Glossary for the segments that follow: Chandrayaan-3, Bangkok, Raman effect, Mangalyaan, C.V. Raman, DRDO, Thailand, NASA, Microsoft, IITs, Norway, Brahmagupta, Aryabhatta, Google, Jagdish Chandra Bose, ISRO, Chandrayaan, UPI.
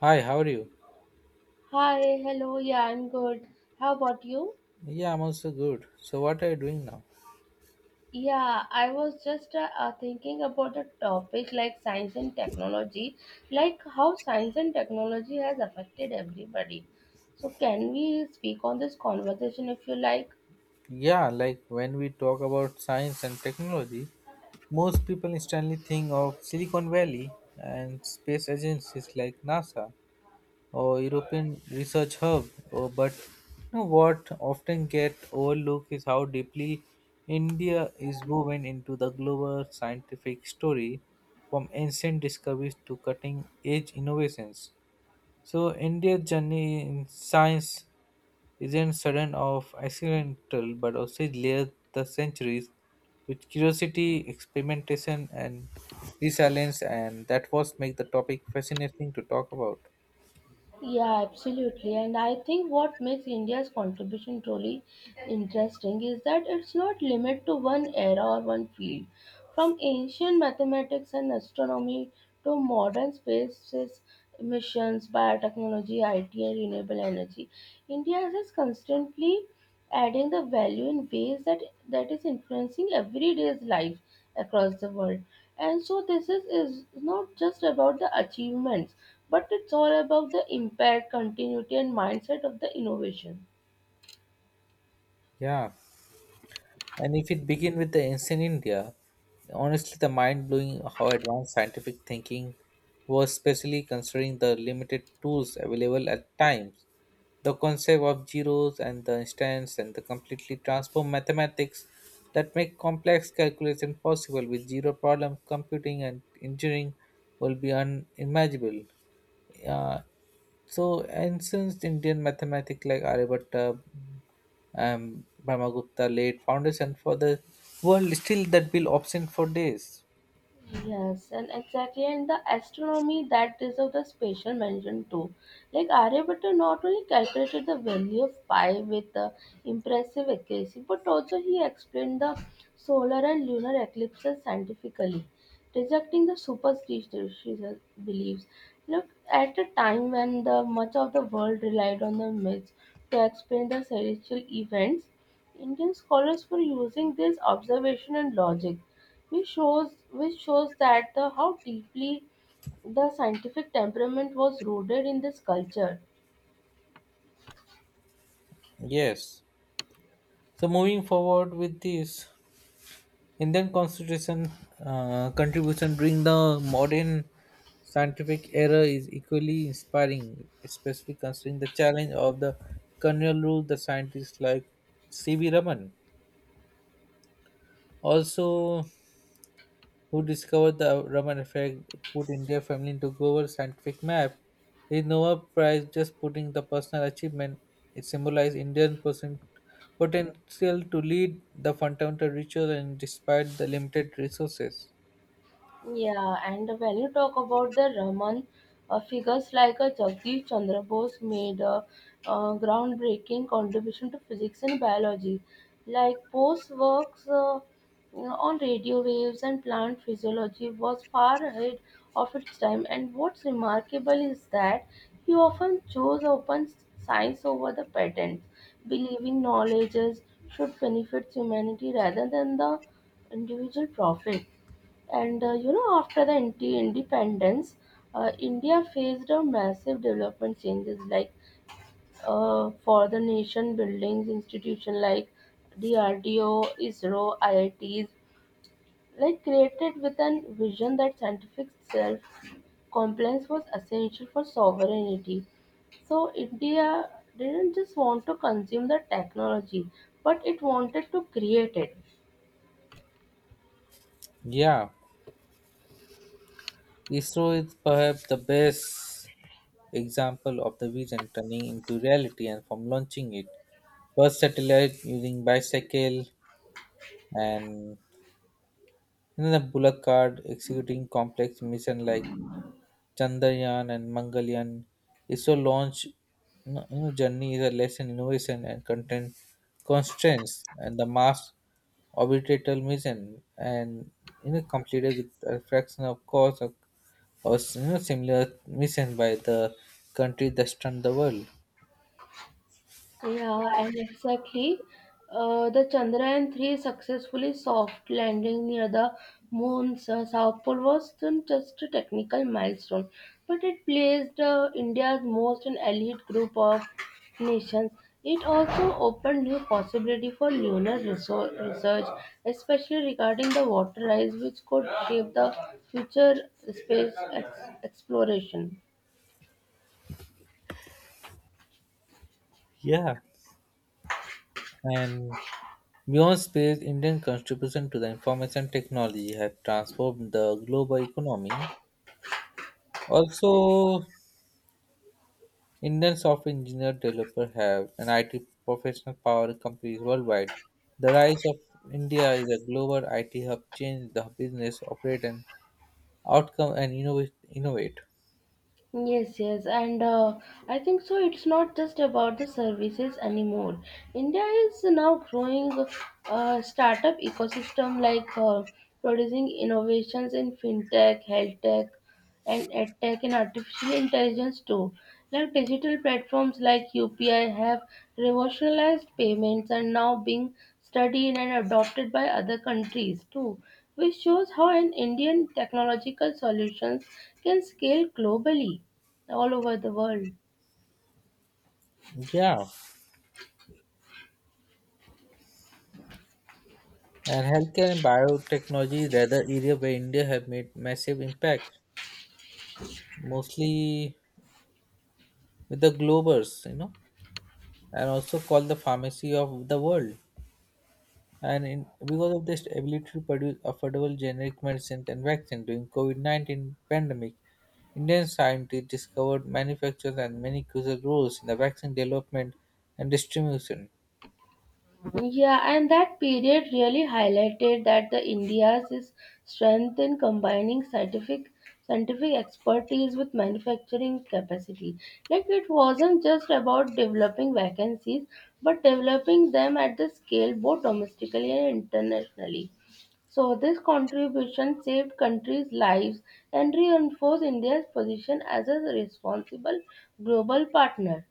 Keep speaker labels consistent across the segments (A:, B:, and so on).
A: Hi, how are you?
B: Hi, hello. Yeah, I'm good. How about you?
A: Yeah, I'm also good. So, what are you doing now?
B: Yeah, I was just thinking about a topic like science and technology, like how science and technology has affected everybody. So, can we speak on this conversation if you like?
A: Yeah, like when we talk about science and technology, most people instantly think of Silicon Valley and space agencies like NASA or European Research Hub. Or, but you know what often get overlooked is how deeply India is woven into the global scientific story, from ancient discoveries to cutting edge innovations. So India's journey in science isn't sudden or accidental, but also layers the centuries with curiosity, experimentation, and resilience, and that was make the topic fascinating to talk about.
B: Yeah, absolutely. And I think what makes India's contribution truly interesting is that it's not limited to one era or one field. From ancient mathematics and astronomy to modern spaces missions, biotechnology, IT, and renewable energy, India is constantly adding the value in ways that is influencing everyday's life across the world. And so this is not just about the achievements, but it's all about the impact, continuity, and mindset of the innovation.
A: Yeah, and if it begin with the ancient India, honestly, the mind blowing how advanced scientific thinking was, especially considering the limited tools available at times. The concept of zeros and the instants and the completely transform mathematics that make complex calculation possible with zero problem computing and engineering will be unimaginable. Uh, so, ancient Indian mathematics like Aryabhatta, Brahmagupta laid foundation for the world still that will absent for days.
B: Yes, and exactly, and the astronomy that deserves a special mention too. Like Aryabhatta not only calculated the value of pi with impressive accuracy, but also he explained the solar and lunar eclipses scientifically, rejecting the superstitious beliefs. Look, at a time when the much of the world relied on the myths to explain the celestial events, Indian scholars were using this observation and logic which shows that the, how deeply the scientific temperament was rooted in this culture.
A: Yes. So moving forward with this. Indian constitution contribution during the modern scientific era is equally inspiring, especially considering the challenge of the colonial rule. The scientists like C.V. Raman, also who discovered the Raman effect, put India family into global scientific map. The Nobel Prize just putting the personal achievement. It symbolized Indian person potential to lead the fundamental ritual and despite the limited resources.
B: Yeah, and when you talk about the Raman, figures like Jagdish Chandra Bose made a groundbreaking contribution to physics and biology. Like Bose's works on radio waves and plant physiology was far ahead of its time. And what's remarkable is that he often chose open science over the patents, believing knowledges should benefit humanity rather than the individual profit. And after the independence, India faced a massive development changes like for the nation buildings, institution like DRDO, ISRO, IITs, like created with an vision that scientific self compliance was essential for sovereignty. So India didn't just want to consume the technology, but it wanted to create it.
A: Yeah. ISRO is perhaps the best example of the vision turning into reality and from launching it. First satellite using bicycle and another bullock card executing complex mission like Chandrayaan and Mangalyaan is so launch journey is a lesson innovation and content constraints and the Mars orbital mission and completed with a fraction of cost of, or similar mission by the country that stunned the world.
B: Yeah, and exactly. The Chandrayaan-3 successfully soft landing near the moon's south pole wasn't just a technical milestone, but it placed India's most an elite group of nations. It also opened new possibility for lunar research, especially regarding the water ice, which could shape the future space exploration.
A: Yeah. And beyond space, Indian contribution to the information technology have transformed the global economy. Also, Indian software engineer developers have an IT professional power companies worldwide. The rise of India is a global IT hub changed the business operate and outcome and innovate.
B: Yes, yes, and I think so. It's not just about the services anymore. India is now growing startup ecosystem like producing innovations in fintech, health tech, and edtech and artificial intelligence too. Like digital platforms like UPI have revolutionized payments and now being studied and adopted by other countries too, which shows how an Indian technological solutions can scale globally all over the world.
A: Yeah. And healthcare and biotechnology is other area where India have made massive impact, mostly with the globers, and also called the pharmacy of the world, and in, because of this ability to produce affordable generic medicines and vaccines during COVID-19 pandemic, Indian scientists discovered, manufactured, and many crucial roles in the vaccine development and distribution.
B: Yeah, and that period really highlighted that the India's is strength in combining scientific expertise with manufacturing capacity. Like it wasn't just about developing vacancies, but developing them at the scale both domestically and internationally. So this contribution saved countries' lives and reinforced India's position as a responsible global partner.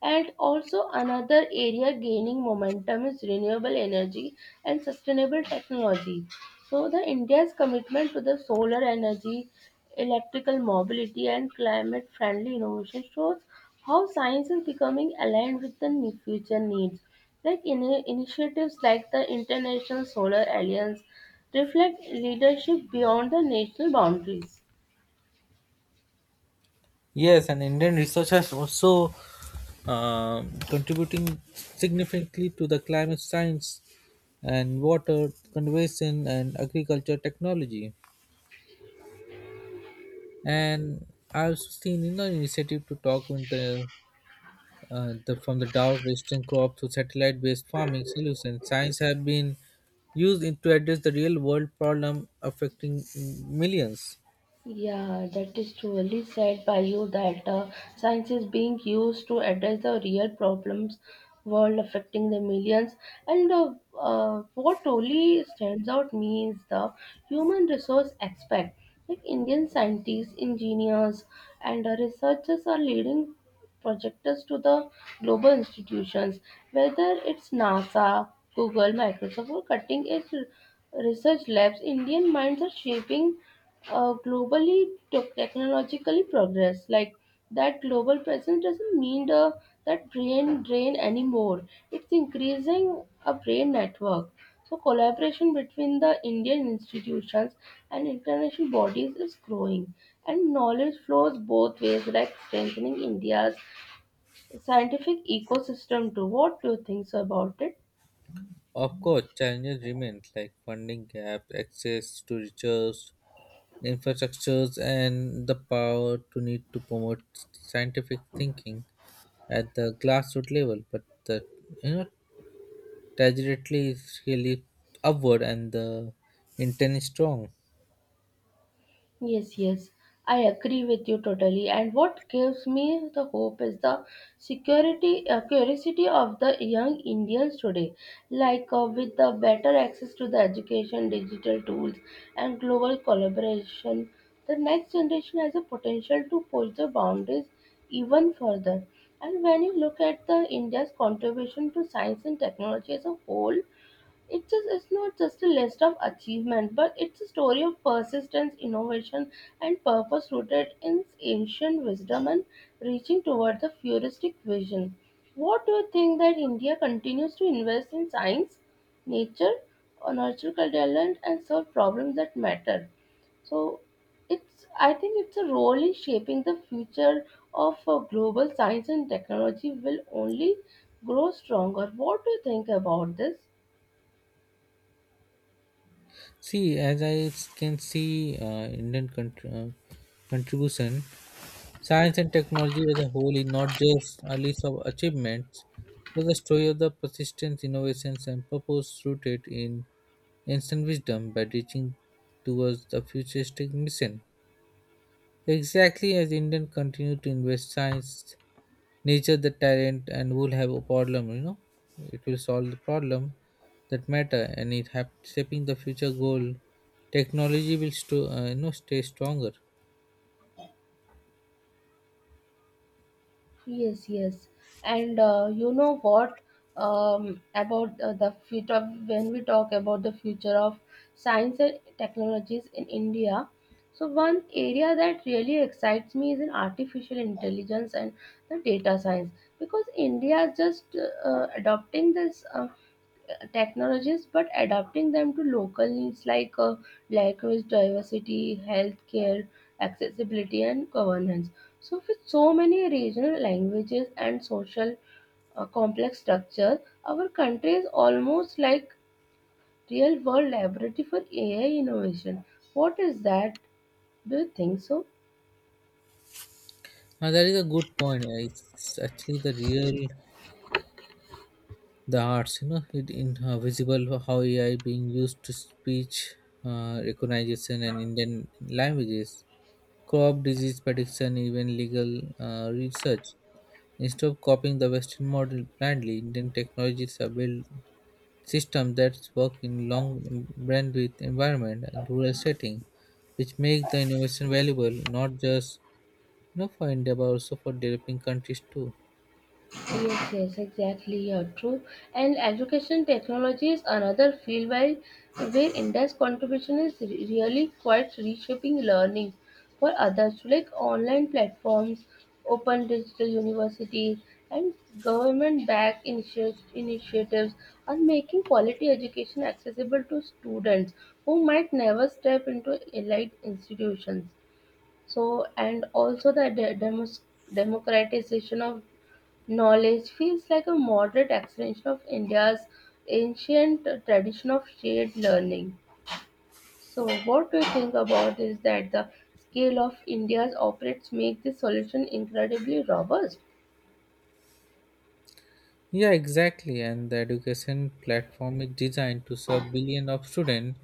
B: And also another area gaining momentum is renewable energy and sustainable technology. So the India's commitment to the solar energy, electrical mobility and climate friendly innovation shows how science is becoming aligned with the future needs. Like initiatives like the International Solar Alliance reflect leadership beyond the national boundaries.
A: Yes, and Indian research has also contributing significantly to the climate science and water conservation and agriculture technology. And I've seen initiative to talk with the from the drought-resistant crop to satellite-based farming solutions. Science have been used in, to address the real-world problem affecting millions.
B: Yeah, that is truly said by you that science is being used to address the real problems world affecting the millions. And what really stands out me is the human resource aspect. Like Indian scientists, engineers, and researchers are leading projectors to the global institutions, whether it's NASA, Google, Microsoft, or cutting edge research labs. Indian minds are shaping globally technologically progress like that global presence doesn't mean the that brain drain anymore, it's increasing a brain network. So collaboration between the Indian institutions and international bodies is growing and knowledge flows both ways, like strengthening India's scientific ecosystem too. What do you think so about it?
A: Of course, challenges remain like funding gap, access to research, infrastructures, and the power to need to promote scientific thinking at the grassroots level. But the you know trajectory is really upward, and the intent is strong.
B: Yes, yes, I agree with you totally. And what gives me the hope is the security curiosity of the young Indians today. Like with the better access to the education, digital tools, and global collaboration, the next generation has a potential to push the boundaries even further. And when you look at the India's contribution to science and technology as a whole, it's not just a list of achievement, but it's a story of persistence, innovation, and purpose rooted in ancient wisdom and reaching toward the futuristic vision. What do you think that India continues to invest in science, nature, or natural talent and solve problems that matter? So it's I think it's a role in shaping the future of global science and technology will only grow stronger. What do you think about this?
A: See, as I can see, Indian contribution, science and technology as a whole is not just a list of achievements, but the story of the persistence, innovations, and purpose rooted in ancient wisdom by reaching towards the futuristic mission. Exactly as Indian continue to invest science nature the talent and will have a problem it will solve the problem that matter and it have shaping the future goal technology will sto, you know stay stronger.
B: Yes, yes. And you know what about the future, when we talk about the future of science and technologies in India. So one area that really excites me is in artificial intelligence and the data science because India is just adopting this technologies but adapting them to local needs like language diversity, healthcare accessibility and governance. So with so many regional languages and social complex structure, our country is almost like real world laboratory for AI innovation. What is that, do you think so?
A: That is a good point. It's actually the real the arts it in visible how ai being used to speech recognition and indian languages crop disease prediction even legal research instead of copying the western model blindly indian technologies are built systems that work in long bandwidth environment and rural setting, which make the innovation valuable not just for India but also for developing countries too.
B: Yes, yes, exactly. You're true. And education technology is another field where India's contribution is really quite reshaping learning for others, like online platforms, open digital universities, and government-backed initiatives are making quality education accessible to students who might never step into elite institutions. So, and also the democratization of knowledge feels like a moderate extension of India's ancient tradition of shared learning. So, what we think about is that the scale of India's operates make this solution incredibly robust.
A: Yeah, exactly. And the education platform is designed to serve billions of students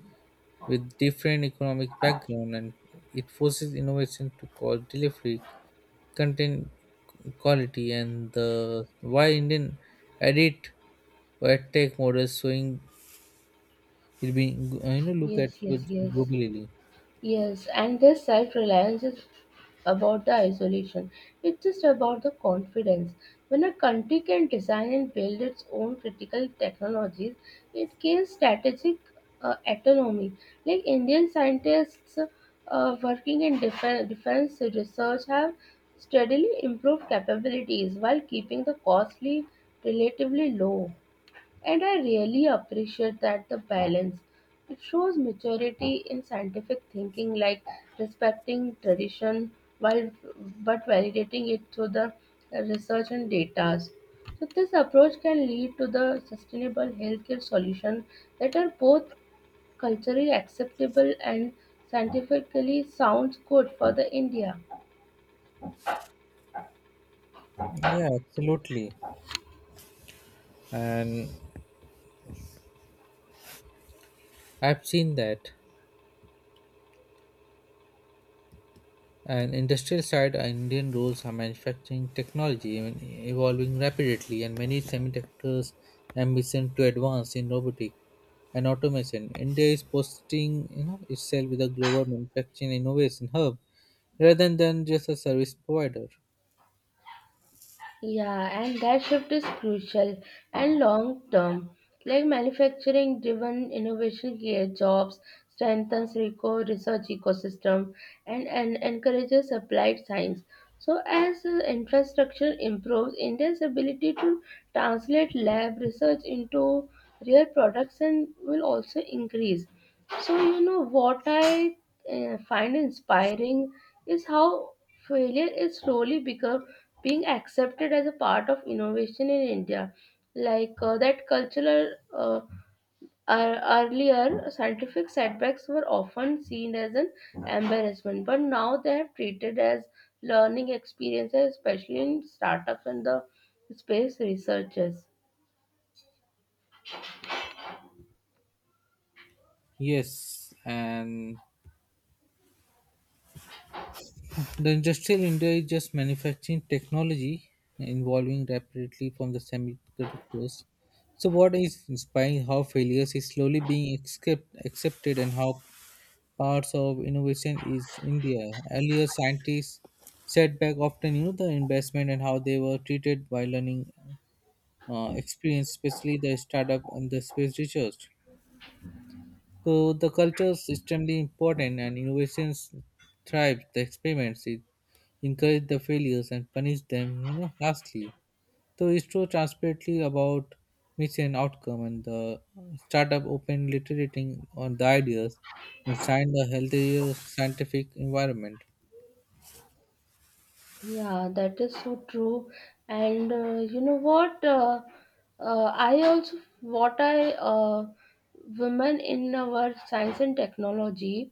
A: with different economic background, and it forces innovation to cause delivery, content quality, and the why Indian edit or tech models showing it'll be look at
B: Yes, yes,
A: it
B: yes.
A: globally.
B: Yes, and this self reliance is about the isolation. It's just about the confidence. When a country can design and build its own critical technologies, it gains strategic autonomy. Like Indian scientists working in defense research have steadily improved capabilities while keeping the costly relatively low. And I really appreciate that the balance. It shows maturity in scientific thinking, like respecting tradition while but validating it through the research and data. So this approach can lead to the sustainable healthcare solution that are both culturally acceptable and scientifically sounds good for the India.
A: Yeah, absolutely. And I've seen that. And industrial side, Indian roles are manufacturing technology evolving rapidly, and many semiconductors ambition to advance in robotic and automation. India is posting itself with a global manufacturing innovation hub rather than just a service provider.
B: Yeah, and that shift is crucial and long term. Like manufacturing driven innovation creates jobs, strengthens RICO research ecosystem, and encourages applied science. So, as infrastructure improves, India's ability to translate lab research into real products and will also increase. So, what I find inspiring is how failure is slowly become being accepted as a part of innovation in India. Like that cultural, earlier scientific setbacks were often seen as an embarrassment, but now they have treated as learning experiences, especially in startups and the space researchers.
A: Yes, and the industrial India is just manufacturing technology involving rapidly from the semiconductors. So, what is inspiring how failures is slowly being accepted and how parts of innovation is India. Earlier, scientists setback often knew the investment and how they were treated by learning experience, especially the startup and the space research. So, the culture is extremely important and innovations thrive. The experiments is encourage the failures and punish them, harshly. So it's so transparently about mission and outcome and the startup open literating on the ideas and find a healthier scientific environment.
B: Yeah, that is so true. And you know what? I also, what I, women in our science and technology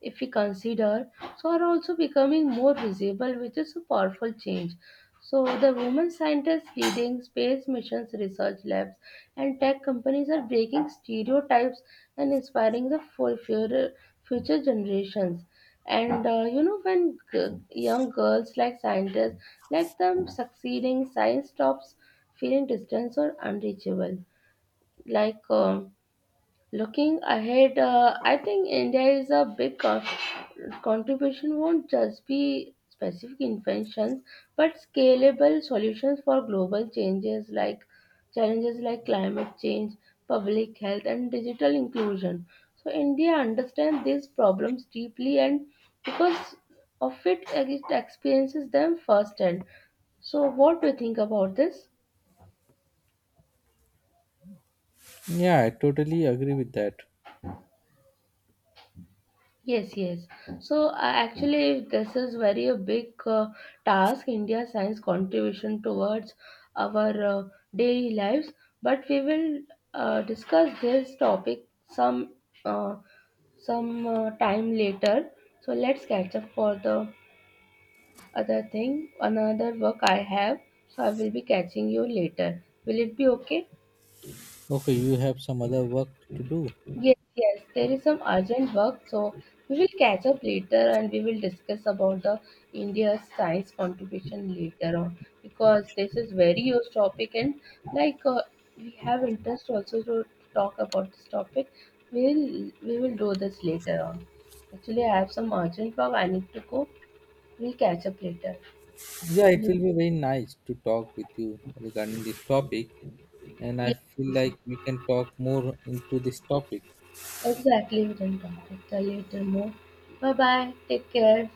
B: if we consider, so are also becoming more visible, which is a powerful change. So the women scientists leading space missions, research labs, and tech companies are breaking stereotypes and inspiring the future generations. And when young girls like scientists like them succeeding, science stops feeling distant or unreachable. Like. um Looking ahead, I think India is a big contribution won't just be specific inventions, but scalable solutions for global changes like challenges like climate change, public health, and digital inclusion. So India understands these problems deeply, and because of it, it experiences them firsthand. So, what do you think about this?
A: Yeah, I totally agree with that.
B: Yes, yes. So actually, this is very a big task. India science contribution towards our daily lives. But we will discuss this topic uh, some time later. So let's catch up for the other thing, another work I have. So I will be catching you later. Will it be okay?
A: Okay, you have some other work to do.
B: Yes, yes, there is some urgent work, so we will catch up later and we will discuss about the India's science contribution later on because this is very huge topic and like we have interest also to talk about this topic. We will do this later on. Actually, I have some urgent work. I need to go. We'll catch up later.
A: Yeah, it will
B: We'll-
A: be very nice to talk with you regarding this topic, and I
B: Yeah,
A: feel like we can talk more into this topic.
B: exactly. We can talk later, later more. Bye bye. Take care.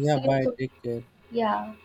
A: Yeah,
B: See you
A: bye.
B: soon.
A: Take care.
B: Yeah.